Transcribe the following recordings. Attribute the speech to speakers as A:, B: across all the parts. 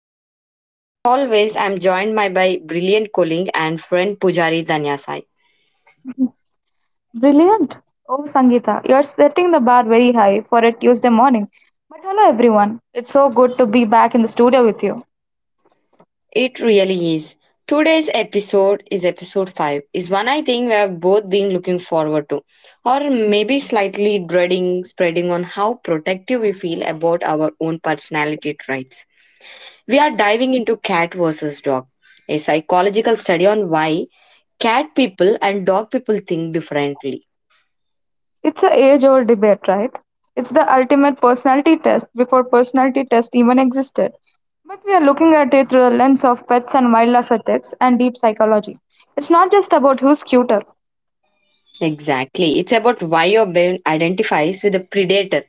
A: Sangita, and as always, I'm joined by my brilliant colleague and friend Pujari Danyasai.
B: Brilliant. Oh, Sangeeta, you're setting the bar very high for a Tuesday morning. But hello, everyone. It's so good to be back in the studio with you.
A: It really is. Today's episode is episode 5, is one I think we have both been looking forward to, or maybe slightly dreading, spreading on how protective we feel about our own personality traits. We are diving into cat versus dog, a psychological study on why cat people and dog people think differently.
B: It's a age old debate, right? It's the ultimate personality test before personality test even existed. But we are looking at it through the lens of pets and wildlife ethics and deep psychology. It's not just about who's cuter.
A: Exactly. It's about why your brain identifies with a predator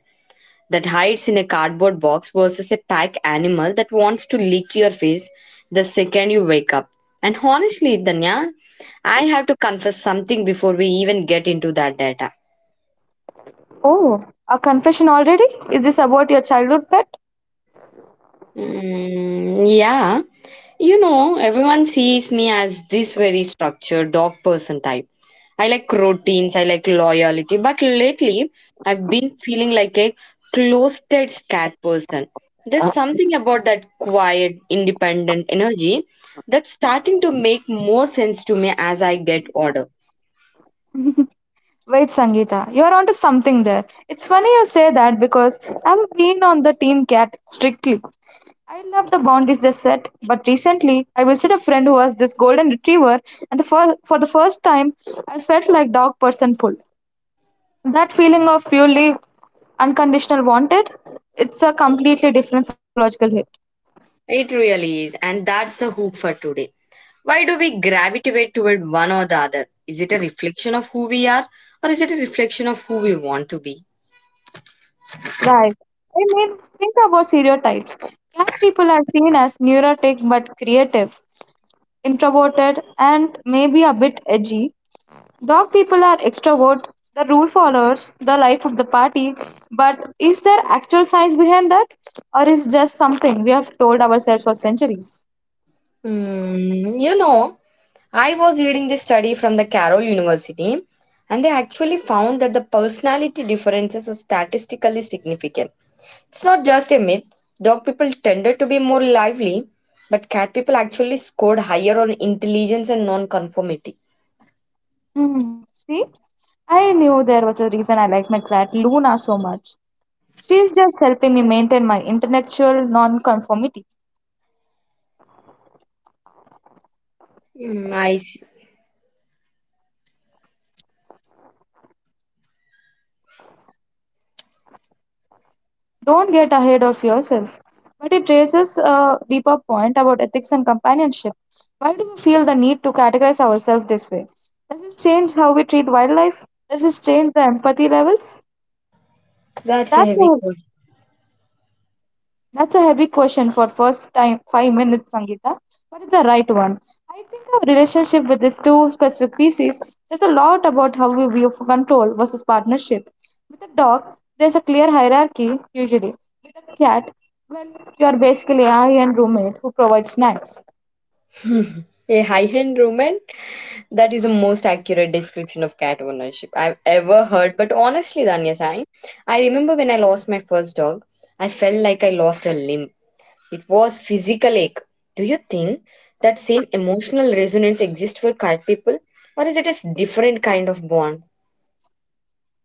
A: that hides in a cardboard box versus a pack animal that wants to lick your face the second you wake up. And honestly, Danya, I have to confess something before we even get into that data.
B: Oh, a confession already? Is this about your childhood pet?
A: Mm, yeah. You know, everyone sees me as this very structured dog person type. I like routines, I like loyalty, but lately I've been feeling like a closeted cat person. There's something about that quiet, independent energy that's starting to make more sense to me as I get older.
B: Wait, Sangeeta, you're onto something there. It's funny you say that because I've been on the team cat strictly. I love the boundaries they set, but recently I visited a friend who has this golden retriever, and for the first time I felt like dog person pull. That feeling of purely unconditional wanted, it's a completely different psychological hit.
A: It really is, and that's the hook for today. Why do we gravitate toward one or the other? Is it a reflection of who we are, or is it a reflection of who we want to be?
B: Right. I mean, think about stereotypes. Cat people are seen as neurotic but creative, introverted, and maybe a bit edgy. Dog people are extrovert, the rule followers, the life of the party. But is there actual science behind that? Or is just something we have told ourselves for centuries?
A: Hmm, you know, I was reading this study from the Carroll University, and they actually found that the personality differences are statistically significant. It's not just a myth. Dog people tended to be more lively, but cat people actually scored higher on intelligence and non-conformity.
B: Hmm. See? I knew there was a reason I like my cat Luna so much. She's just helping me maintain my intellectual nonconformity.
A: Hmm, I see.
B: Don't get ahead of yourself. But it raises a deeper point about ethics and companionship. Why do we feel the need to categorize ourselves this way? Does this change how we treat wildlife? Does this change the empathy levels?
A: That's a
B: That's
A: heavy
B: all. That's a heavy question for first time 5 minutes, Sangeeta, but it's the right one. I think our relationship with these two specific species says a lot about how we view control versus partnership. With a dog, there's a clear hierarchy usually. With a cat, well, you are basically a high-end roommate who provides snacks.
A: question. A high-end woman. That is the most accurate description of cat ownership I've ever heard. But honestly, Danya Sai, I remember when I lost my first dog, I felt like I lost a limb. It was physical ache. Do you think that same emotional resonance exists for cat people? Or is it a different kind of bond?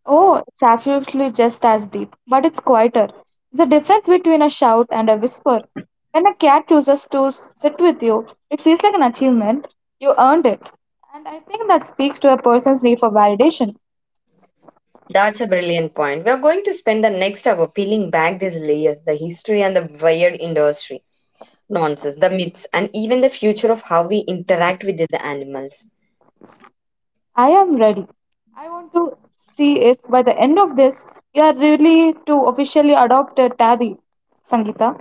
B: Oh, it's absolutely just as deep, but it's quieter. There's a difference between a shout and a whisper. When a cat chooses to sit with you, it feels like an achievement. You earned it. And I think that speaks to a person's need for validation.
A: That's a brilliant point. We're going to spend the next hour peeling back these layers, the history and the weird industry, nonsense, the myths, and even the future of how we interact with these animals.
B: I am ready. I want to see if by the end of this, you are really to officially adopt a tabby, Sangita.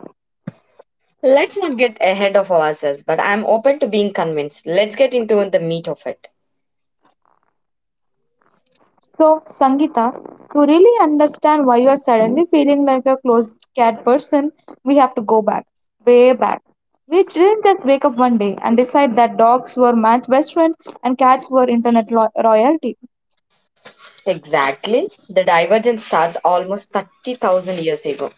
A: Let's not get ahead of ourselves, but I'm open to being convinced. Let's get into the meat of it.
B: So, Sangeeta, to really understand why you are suddenly feeling like a closed cat person, we have to go back, way back. We didn't just wake up one day and decide that dogs were man's best friend and cats were internet royalty.
A: Exactly. The divergence starts almost 30,000 years ago.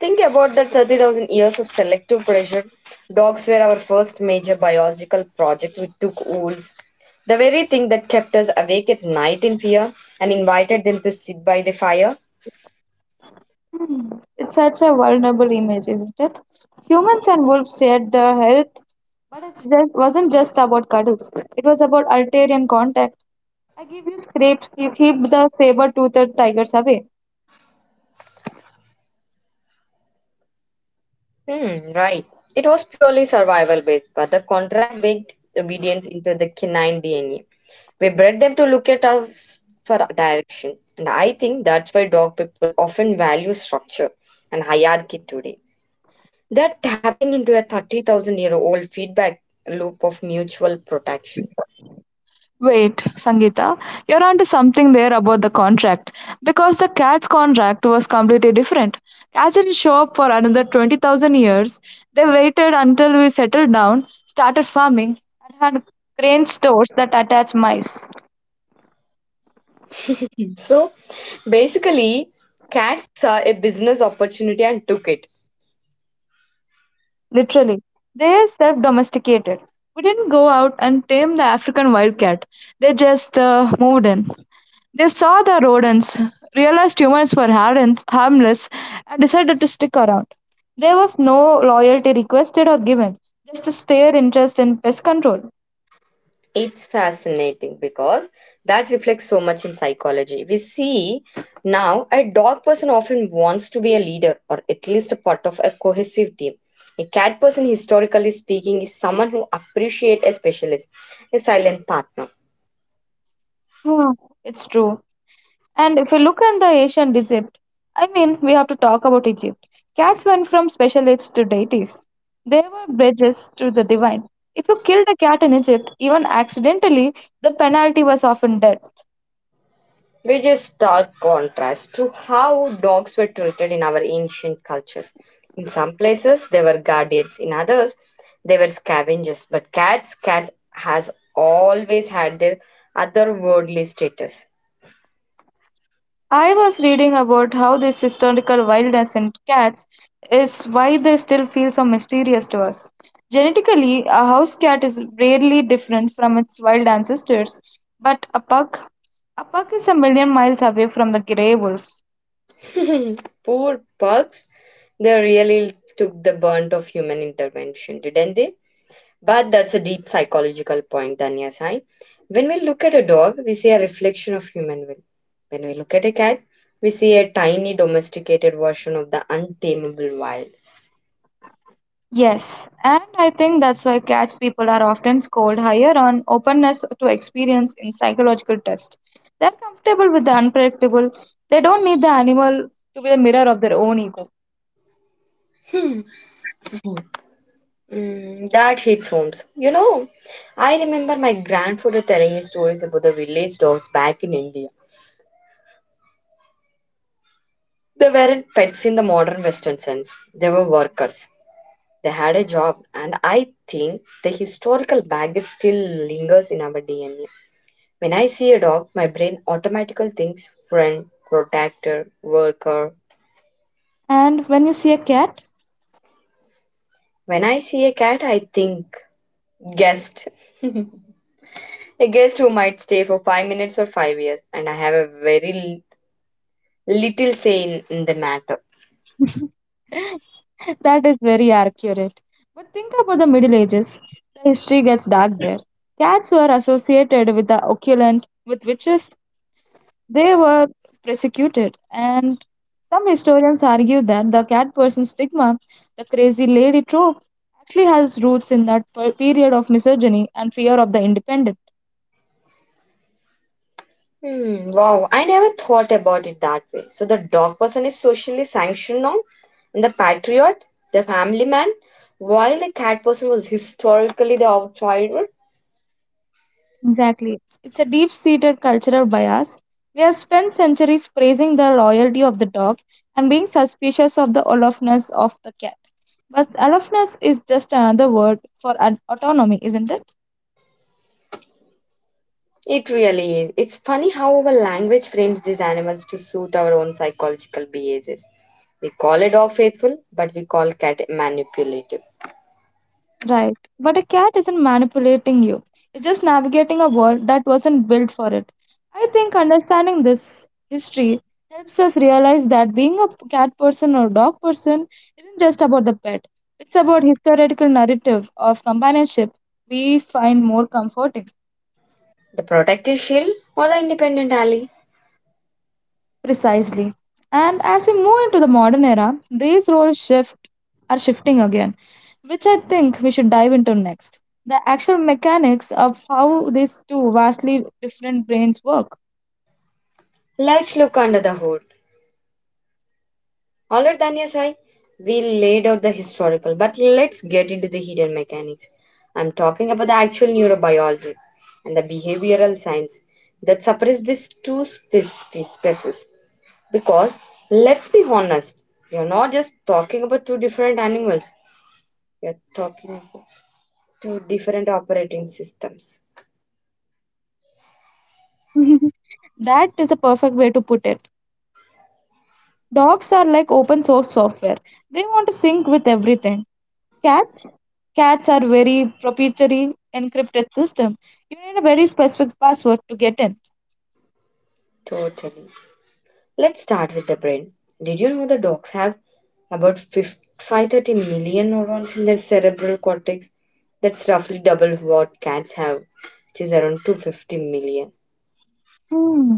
A: Think about the 30,000 years of selective pressure. Dogs were our first major biological project. We took wolves, the very thing that kept us awake at night in fear, and invited them to sit by the fire.
B: Hmm, it's such a vulnerable image, isn't it? Humans and wolves shared their health, but it just, wasn't just about cuddles. It was about ulterior contact. I give you scrapes, you keep the saber-toothed tigers away.
A: Hmm, right. It was purely survival based, but the contract baked obedience into the canine DNA. We bred them to look at us for direction, and I think that's why dog people often value structure and hierarchy today. They're tapping into a 30,000 year old feedback loop of mutual protection.
B: Wait, Sangeeta, you're onto something there about the contract. Because the cat's contract was completely different. Cats didn't show up for another 20,000 years. They waited until we settled down, started farming, and had grain stores that attached mice.
A: So basically, cats saw a business opportunity and took it.
B: Literally, they self domesticated. We didn't go out and tame the African wildcat, they just moved in. They saw the rodents, realized humans were harmless, and decided to stick around. There was no loyalty requested or given, just a stare interest in pest control.
A: It's fascinating because that reflects so much in psychology. We see now a dog person often wants to be a leader or at least a part of a cohesive team. A cat person, historically speaking, is someone who appreciates a specialist, a silent partner.
B: It's true. And if you look at the ancient Egypt, I mean, we have to talk about Egypt. Cats went from specialists to deities. They were bridges to the divine. If you killed a cat in Egypt, even accidentally, the penalty was often death.
A: Which is stark contrast to how dogs were treated in our ancient cultures. In some places, they were guardians, in others, they were scavengers. But cats, cats has always had their otherworldly status.
B: I was reading about how this historical wildness in cats is why they still feel so mysterious to us. Genetically, a house cat is rarely different from its wild ancestors, but a pug is a million miles away from the grey wolf.
A: Poor pugs, they really took the brunt of human intervention, didn't they? But that's a deep psychological point, Danya Sai. When we look at a dog, we see a reflection of human will. When we look at a cat, we see a tiny domesticated version of the untamable wild.
B: Yes, and I think that's why catch people are often scored higher on openness to experience in psychological tests. They're comfortable with the unpredictable. They don't need the animal to be the mirror of their own ego.
A: Hmm. Mm, that hits homes. You know, I remember my grandfather telling me stories about the village dogs back in India. They weren't pets in the modern Western sense, they were workers. They had a job, and I think the historical baggage still lingers in our DNA. When I see a dog, my brain automatically thinks friend, protector, worker.
B: And when you see a cat,
A: When I see a cat, I think guest. A guest who might stay for 5 minutes or 5 years, and I have a very little say in the matter.
B: that is very accurate. But think about the Middle Ages. The history gets dark there. Cats were associated with the occult, with witches, they were persecuted, and some historians argue that the cat person stigma, the crazy lady trope, actually has roots in that period of misogyny and fear of the independent.
A: Hmm, wow, I never thought about it that way. So the dog person is socially sanctioned now, and the patriot, the family man, while the cat person was historically the outsider.
B: Exactly. It's a deep seated cultural bias. We have spent centuries praising the loyalty of the dog and being suspicious of the aloofness of the cat. But aloofness is just another word for autonomy, isn't it?
A: It really is. It's funny how our language frames these animals to suit our own psychological biases. We call a dog faithful, but we call cat manipulative.
B: Right. But a cat isn't manipulating you. It's just navigating a world that wasn't built for it. I think understanding this history helps us realize that being a cat person or dog person isn't just about the pet. It's about historical narrative of companionship we find more comforting.
A: The protective shield or the independent ally?
B: Precisely. And as we move into the modern era, these roles shift are shifting again, which I think we should dive into next. The actual mechanics of how these two vastly different brains work.
A: Let's look under the hood. Alright, Danya Sai, we laid out the historical, but let's get into the hidden mechanics. I'm talking about the actual neurobiology and the behavioral science that suppress these two species. Because let's be honest, we are not just talking about two different animals, we are talking about two different operating systems.
B: That is a perfect way to put it. Dogs are like open source software. They want to sync with everything. Cats? Cats are very proprietary encrypted system. You need a very specific password to get in.
A: Totally. Let's start with the brain. Did you know the dogs have about 5 530 million neurons in their cerebral cortex? That's roughly double what cats have, which is around 250 million.
B: Hmm.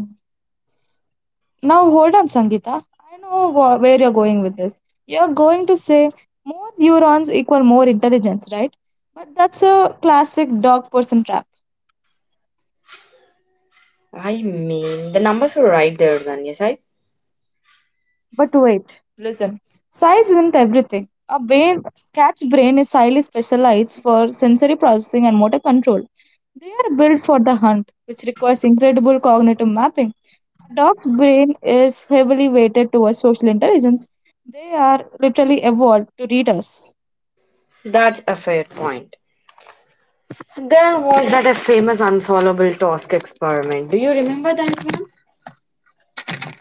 B: Now hold on, Sangeeta. I know where you're going with this. You're going to say more neurons equal more intelligence, right? But that's a classic dog person trap.
A: I mean, the numbers were right there, Danya, right?
B: But wait, listen. Size isn't everything. Cat's brain is highly specialized for sensory processing and motor control. They are built for the hunt, which requires incredible cognitive mapping. A dog's brain is heavily weighted towards social intelligence. They are literally evolved to read us.
A: That's a fair point. There was that a famous unsolvable task experiment. Do you remember that one?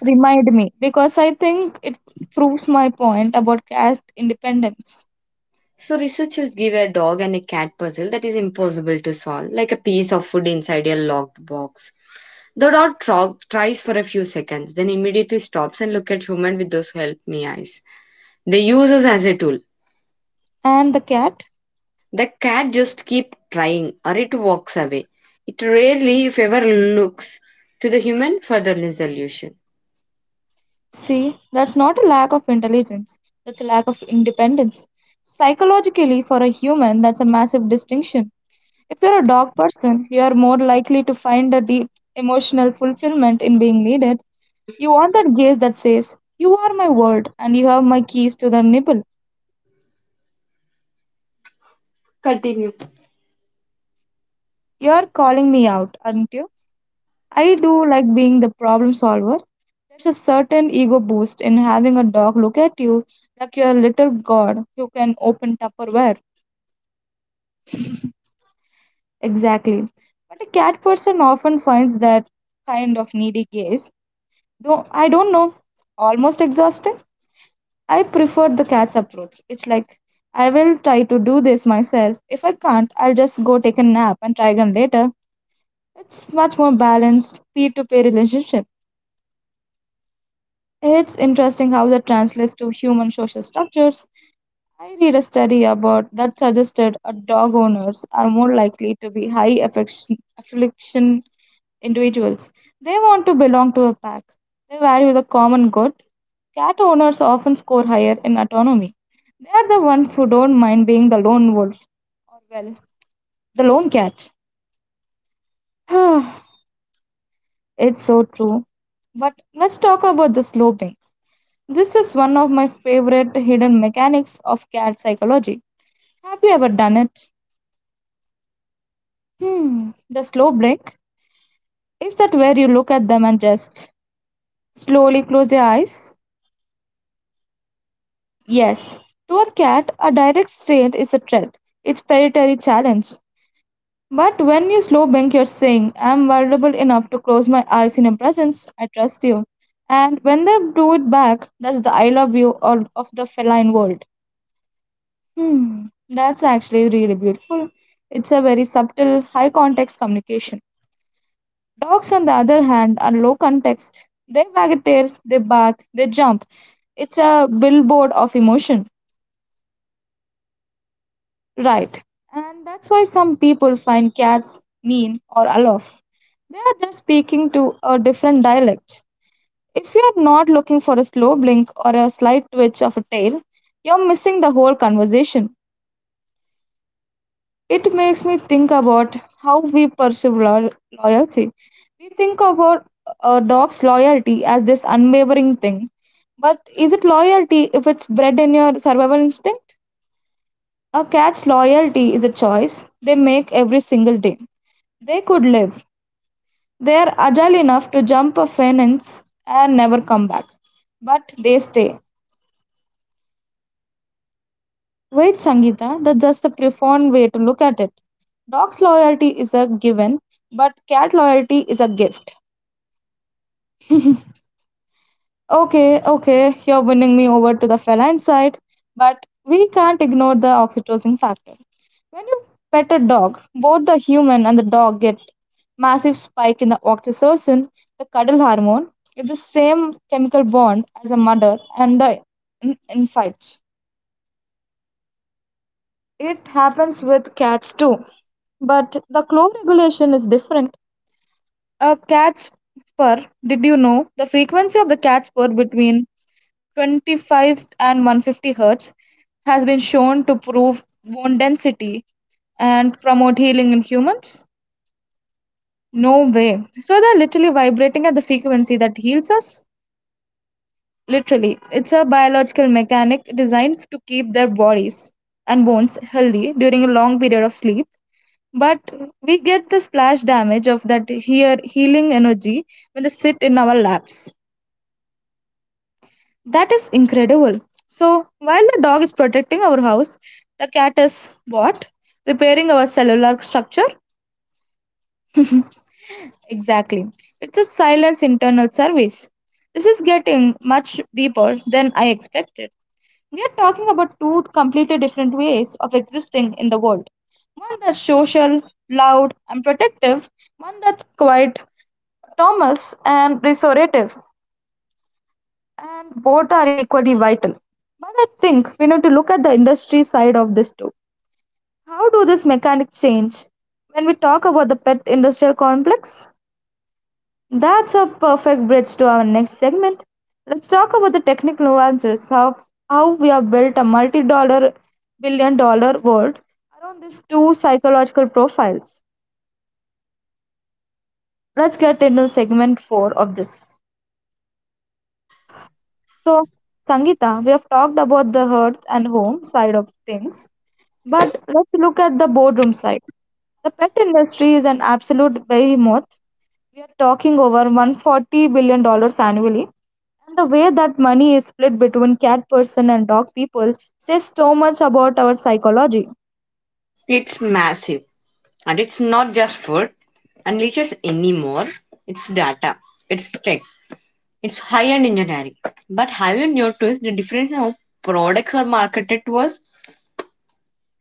B: Remind me because I think it proves my point about cat independence.
A: So researchers give a dog and a cat puzzle that is impossible to solve, like a piece of food inside a locked box. The dog tries for a few seconds, then immediately stops and look at human with those help me eyes. They use us as a tool.
B: And the cat?
A: The cat just keep trying or it walks away. It rarely, if ever, looks to the human for the resolution.
B: See, that's not a lack of intelligence, that's a lack of independence. Psychologically, for a human, that's a massive distinction. If you're a dog person, you are more likely to find a deep emotional fulfillment in being needed. You want that gaze that says, you are my world, and you have my keys to the nibble.
A: Continue.
B: You are calling me out, aren't you? I do like being the problem solver. There's a certain ego boost in having a dog look at you like you're a little god who can open Tupperware. Exactly. But a cat person often finds that kind of needy gaze, though I don't know, almost exhausting. I prefer the cat's approach. It's like, I will try to do this myself. If I can't, I'll just go take a nap and try again later. It's much more balanced peer to peer relationship. It's interesting how that translates to human social structures. I read a study about that suggested a dog owners are more likely to be high affliction individuals. They want to belong to a pack. They value the common good. Cat owners often score higher in autonomy. They are the ones who don't mind being the lone wolf or well, the lone cat. It's so true. But let's talk about the sloping. This is one of my favorite hidden mechanics of cat psychology. Have you ever done it? Hmm, the slow blink. Is that where you look at them and just slowly close your eyes? Yes. To a cat, a direct stare is a threat. It's predatory challenge. But when you slow blink, you're saying, I'm vulnerable enough to close my eyes in your presence. I trust you. And when they do it back, that's the I love you or of the feline world. Hmm, that's actually really beautiful. It's a very subtle, high context communication. Dogs, on the other hand, are low context. They wag a tail, they bark, they jump. It's a billboard of emotion. Right. And that's why some people find cats mean or aloof. They are just speaking to a different dialect. If you are not looking for a slow blink or a slight twitch of a tail, you're missing the whole conversation. It makes me think about how we perceive loyalty. We think of a dog's loyalty as this unwavering thing. But is it loyalty if it's bred in your survival instinct? A cat's loyalty is a choice they make every single day. They could live. They are agile enough to jump a fence and never come back. But they stay. Wait, Sangeeta, that's just a profound way to look at it. Dog's loyalty is a given, but cat loyalty is a gift. Okay, okay, you're winning me over to the feline side, but we can't ignore the oxytocin factor. When you pet a dog, both the human and the dog get massive spike in the oxytocin, the cuddle hormone. It's the same chemical bond as a mother and the infight. It happens with cats too, but the claw regulation is different. A cat's purr, did you know the frequency of the cat's purr between 25 and 150 hertz has been shown to prove bone density and promote healing in humans? No way. So they're literally vibrating at the frequency that heals us? Literally. It's a biological mechanic designed to keep their bodies and bones healthy during a long period of sleep. But we get the splash damage of that here healing energy when they sit in our laps. That is incredible. So while the dog is protecting our house, the cat is what? Repairing our cellular structure? Exactly. It's a silence internal service. This is getting much deeper than I expected. We are talking about two completely different ways of existing in the world. One that's social, loud, and protective, one that's quiet, Thomas and restorative, and both are equally vital. But I think we need to look at the industry side of this too. How do these mechanics change? When we talk about the pet industrial complex, that's a perfect bridge to our next segment. Let's talk about the technical nuances of how we have built a multi dollar billion-dollar world around these two psychological profiles. Let's get into segment 4 of this. So, Sangeeta, we have talked about the hearth and home side of things, but let's look at the boardroom side. The pet industry is an absolute behemoth. We are talking over $140 billion dollars annually, and the way that money is split between cat person and dog people says so much about our psychology.
A: It's massive. And it's not just food and leeches anymore. It's data. It's tech. It's high-end engineering. But have you noticed the difference in how products are marketed to us?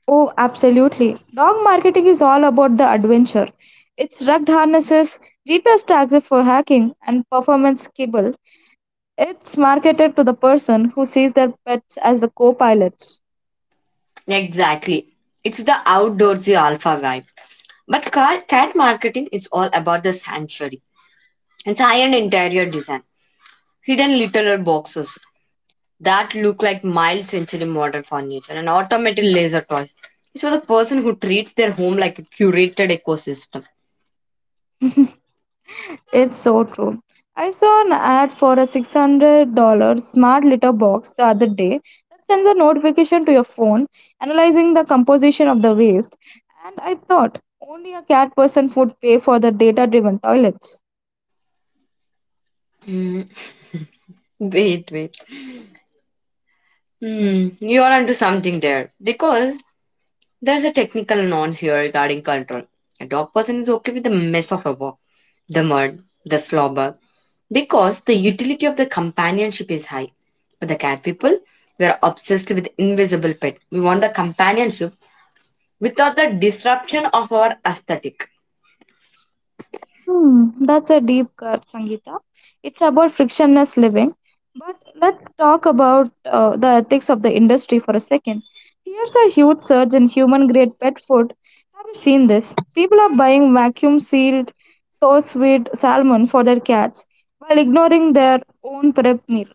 B: Oh, absolutely. Dog marketing is all about the adventure. It's rugged harnesses, GPS tags for hacking, and performance kibble. It's marketed to the person who sees their pets as the co-pilots.
A: Exactly. It's the outdoorsy alpha vibe. But cat marketing is all about the sanctuary. It's high-end interior design. Hidden littler boxes that look like mild century modern furniture and automated laser toys. It's for the person who treats their home like a curated ecosystem.
B: It's so true. I saw an ad for a $600 smart litter box the other day that sends a notification to your phone analyzing the composition of the waste, and I thought only a cat person would pay for the data driven toilets.
A: Wait, wait. Hmm, you're onto something there. Because there's a technical nuance here regarding control. A dog person is okay with the mess of a walk, the mud, the slobber, because the utility of the companionship is high. But the cat people, we are obsessed with invisible pet. We want the companionship without the disruption of our aesthetic.
B: Hmm, that's a deep cut, Sangeeta. It's about frictionless living. But let's talk about the ethics of the industry for a second. Here's a huge surge in human grade pet food. Have you seen this? People are buying vacuum sealed, source sweet salmon for their cats while ignoring their own prep meal.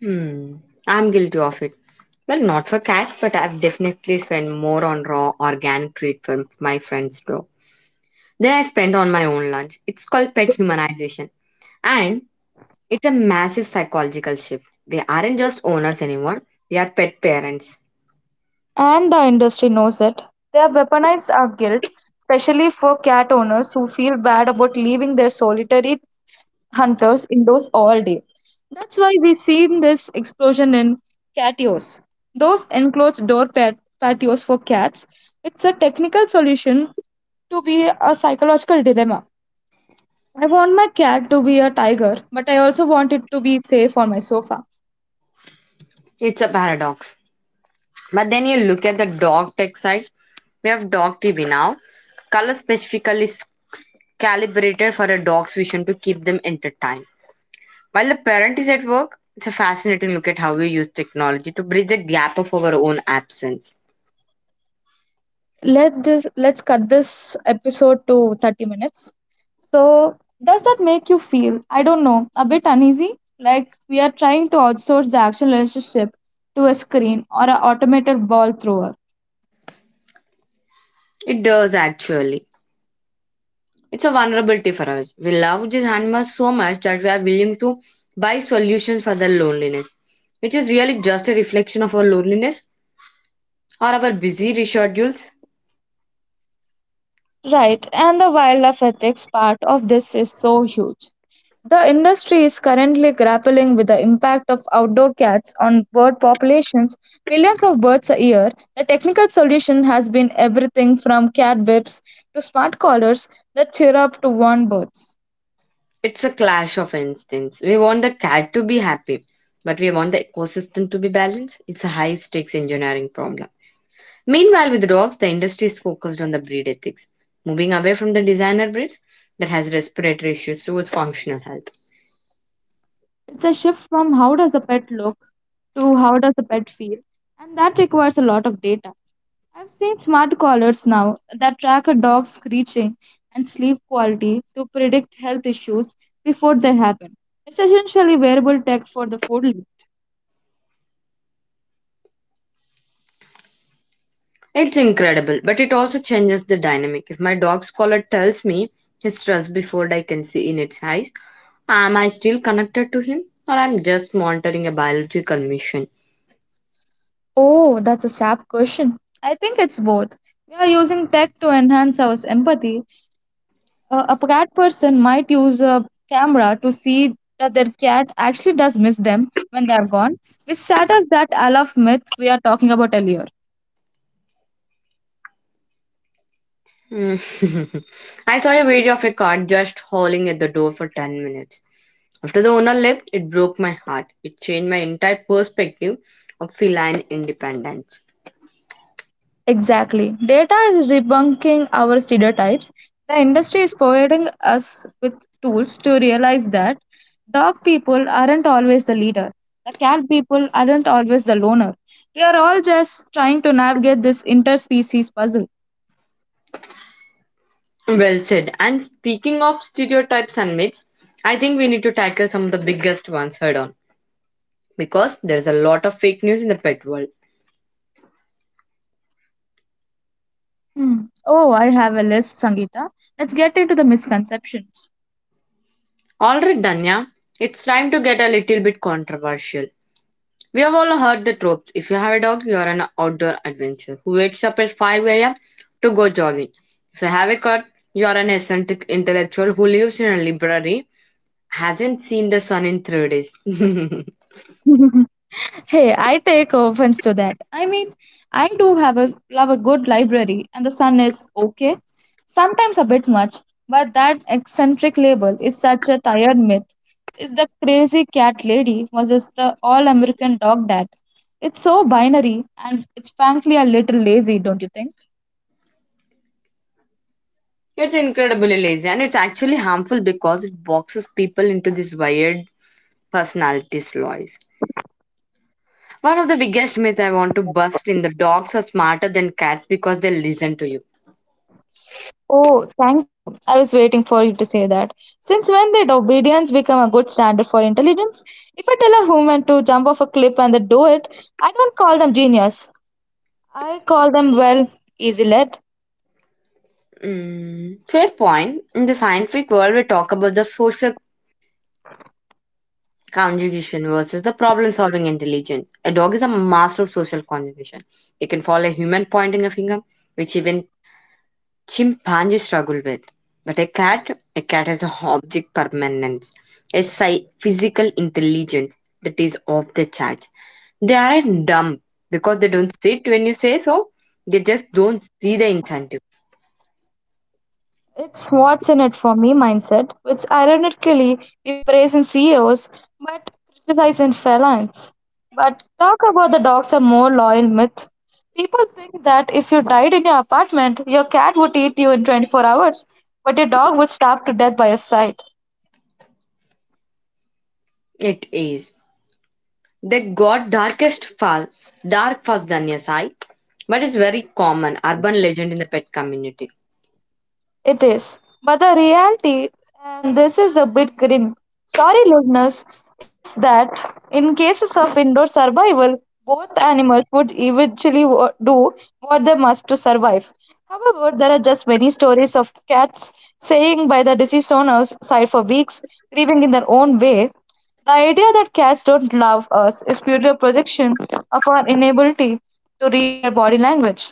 A: Hmm, I'm guilty of it. Well, not for cats, but I've definitely spent more on raw organic treat for my friends' dog. Then I spent on my own lunch. It's called pet humanization. And it's a massive psychological shift. We aren't just owners anymore, we are pet parents.
B: And the industry knows it. They have weaponized our guilt, especially for cat owners who feel bad about leaving their solitary hunters indoors all day. That's why we've seen this explosion in catios, those enclosed door patios for cats. It's a technical solution to be a psychological dilemma. I want my cat to be a tiger, but I also want it to be safe on my sofa.
A: It's a paradox. But then you look at the dog tech side, we have dog TV now. Color specifically is calibrated for a dog's vision to keep them entertained. While the parent is at work, it's a fascinating look at how we use technology to bridge the gap of our own absence.
B: Let's cut this episode to 30 minutes. So, does that make you feel, I don't know, a bit uneasy? Like we are trying to outsource the action relationship to a screen or an automated ball thrower.
A: It does actually. It's a vulnerability for us. We love these animals so much that we are willing to buy solutions for their loneliness, which is really just a reflection of our loneliness or our busy schedules.
B: Right, and the wildlife ethics part of this is so huge. The industry is currently grappling with the impact of outdoor cats on bird populations, millions of birds a year. The technical solution has been everything from cat whips to smart collars that cheer up to warn birds.
A: It's a clash of instincts. We want the cat to be happy, but we want the ecosystem to be balanced. It's a high stakes engineering problem. Meanwhile, with dogs, the industry is focused on the breed ethics, moving away from the designer breeds that has respiratory issues towards functional health.
B: It's a shift from how does a pet look to how does a pet feel, and that requires a lot of data. I've seen smart collars now that track a dog's screeching and sleep quality to predict health issues before they happen. It's essentially wearable tech for the food.
A: It's incredible, but it also changes the dynamic. If my dog's collar tells me his stress before I can see in its eyes, am I still connected to him or I'm just monitoring a biological mission?
B: Oh, that's a sharp question. I think it's both. We are using tech to enhance our empathy. A cat person might use a camera to see that their cat actually does miss them when they are gone, which shatters that I love myth we are talking about earlier.
A: Mm. I saw a video of a cat just howling at the door for 10 minutes. After the owner left, it broke my heart. It changed my entire perspective of feline independence.
B: Exactly. Data is debunking our stereotypes. The industry is providing us with tools to realize that dog people aren't always the leader, the cat people aren't always the loner. We are all just trying to navigate this interspecies puzzle.
A: Well said. And speaking of stereotypes and myths, I think we need to tackle some of the biggest ones head on, because there's a lot of fake news in the pet world.
B: Hmm. Oh, I have a list, Sangeeta. Let's get into the misconceptions.
A: All right, Danya, it's time to get a little bit controversial. We have all heard the tropes. If you have a dog, you are an outdoor adventurer who wakes up at 5 a.m. to go jogging. If you have a cat, you are an eccentric intellectual who lives in a library, hasn't seen the sun in 3 days.
B: Hey, I take offense to that. I mean, I do have a love a good library, and the sun is okay, sometimes a bit much, but that eccentric label is such a tired myth. Is the crazy cat lady versus the all American dog dad? It's so binary, and it's frankly a little lazy, don't you think?
A: It's incredibly lazy and it's actually harmful because it boxes people into this weird personalities, Lois. One of the biggest myths I want to bust in the dogs are smarter than cats because they listen to you.
B: Oh, thank you. I was waiting for you to say that. Since when did obedience become a good standard for intelligence? If I tell a human to jump off a cliff and they do it, I don't call them genius. I call them, well, easy led.
A: Mm, fair point. In the scientific world, we talk about the social conjugation versus the problem solving intelligence. A dog is a master of social conjugation. It can follow a human pointing a finger, which even chimpanzees struggle with. But a cat has an object permanence, a physical intelligence that is off the chart. They aren't dumb because they don't sit when you say so. They just don't see the incentive.
B: It's what's in it for me mindset, which ironically we praise in CEOs but criticize in felines. But talk about the dogs are more loyal myth. People think that if you died in your apartment, your cat would eat you in 24 hours, but your dog would starve to death by your side.
A: It is. They got darkest fast, dark fast than your eye, but it's very common urban legend in the pet community.
B: It is. But the reality, and this is a bit grim, sorry listeners, is that in cases of indoor survival, both animals would eventually do what they must to survive. However, there are just many stories of cats staying by the deceased owner's side for weeks, grieving in their own way. The idea that cats don't love us is purely a projection of our inability to read their body language.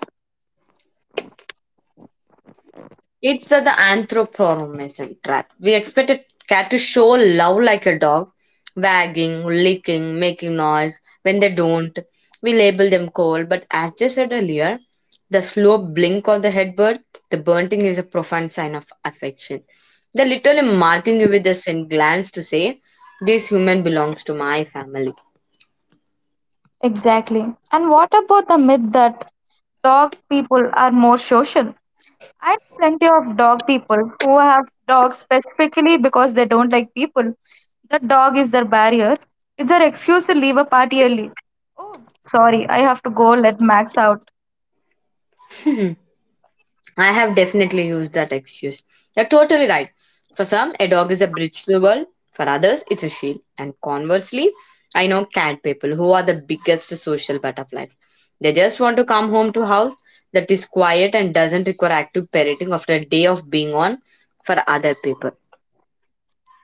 A: It's the anthropomorphism trap. We expect a cat to show love like a dog, wagging, licking, making noise. When they don't, we label them cold. But as I said earlier, the slow blink on the headbird, the bunting is a profound sign of affection. They're literally marking you with a sin glance to say, this human belongs to my family.
B: Exactly. And what about the myth that dog people are more social? I know plenty of dog people who have dogs specifically because they don't like people. The dog is their barrier. It's their excuse to leave a party early. Oh, sorry, I have to go let Max out.
A: I have definitely used that excuse. You're totally right. For some, a dog is a bridge to the world. For others, it's a shield. And conversely, I know cat people who are the biggest social butterflies. They just want to come home to a house that is quiet and doesn't require active parenting after a day of being on for other people.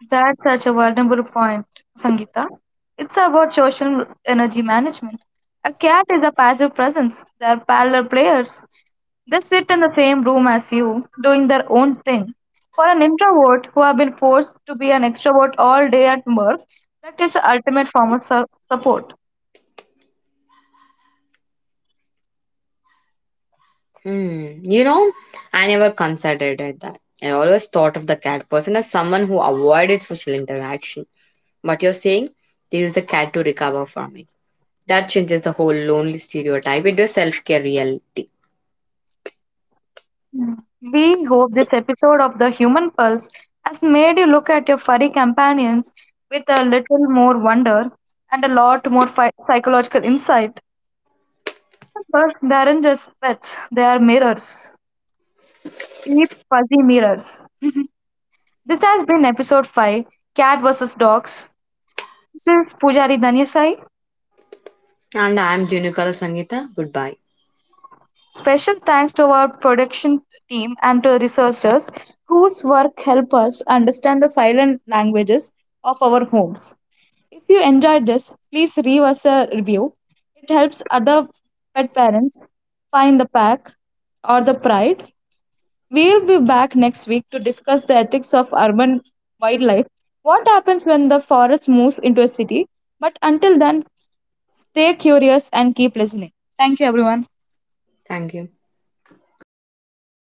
B: That's such a vulnerable point, Sangeeta. It's about social energy management. A cat is a passive presence. They are parallel players. They sit in the same room as you, doing their own thing. For an introvert who have been forced to be an extrovert all day at work, that is the ultimate form of support.
A: Hmm. You know, I never considered it that. I always thought of the cat person as someone who avoided social interaction. What you're saying, they use the cat to recover from it. That changes the whole lonely stereotype. It is self care reality.
B: Mm. We hope this episode of The Human Pulse has made you look at your furry companions with a little more wonder and a lot more psychological insight. But they aren't just pets, they are mirrors. Deep, fuzzy mirrors. This has been episode 5, Cat vs. Dogs. This is Pujari Danyasai.
A: And I am Jinukala Sangita. Goodbye.
B: Special thanks to our production team and to the researchers whose work help us understand the silent languages of our homes. If you enjoyed this, please leave us a review. It helps other pet parents find the pack or the pride. We'll be back next week to discuss the ethics of urban wildlife, what happens when the forest moves into a city. But until then, stay curious and keep listening. Thank you, everyone.
A: Thank you.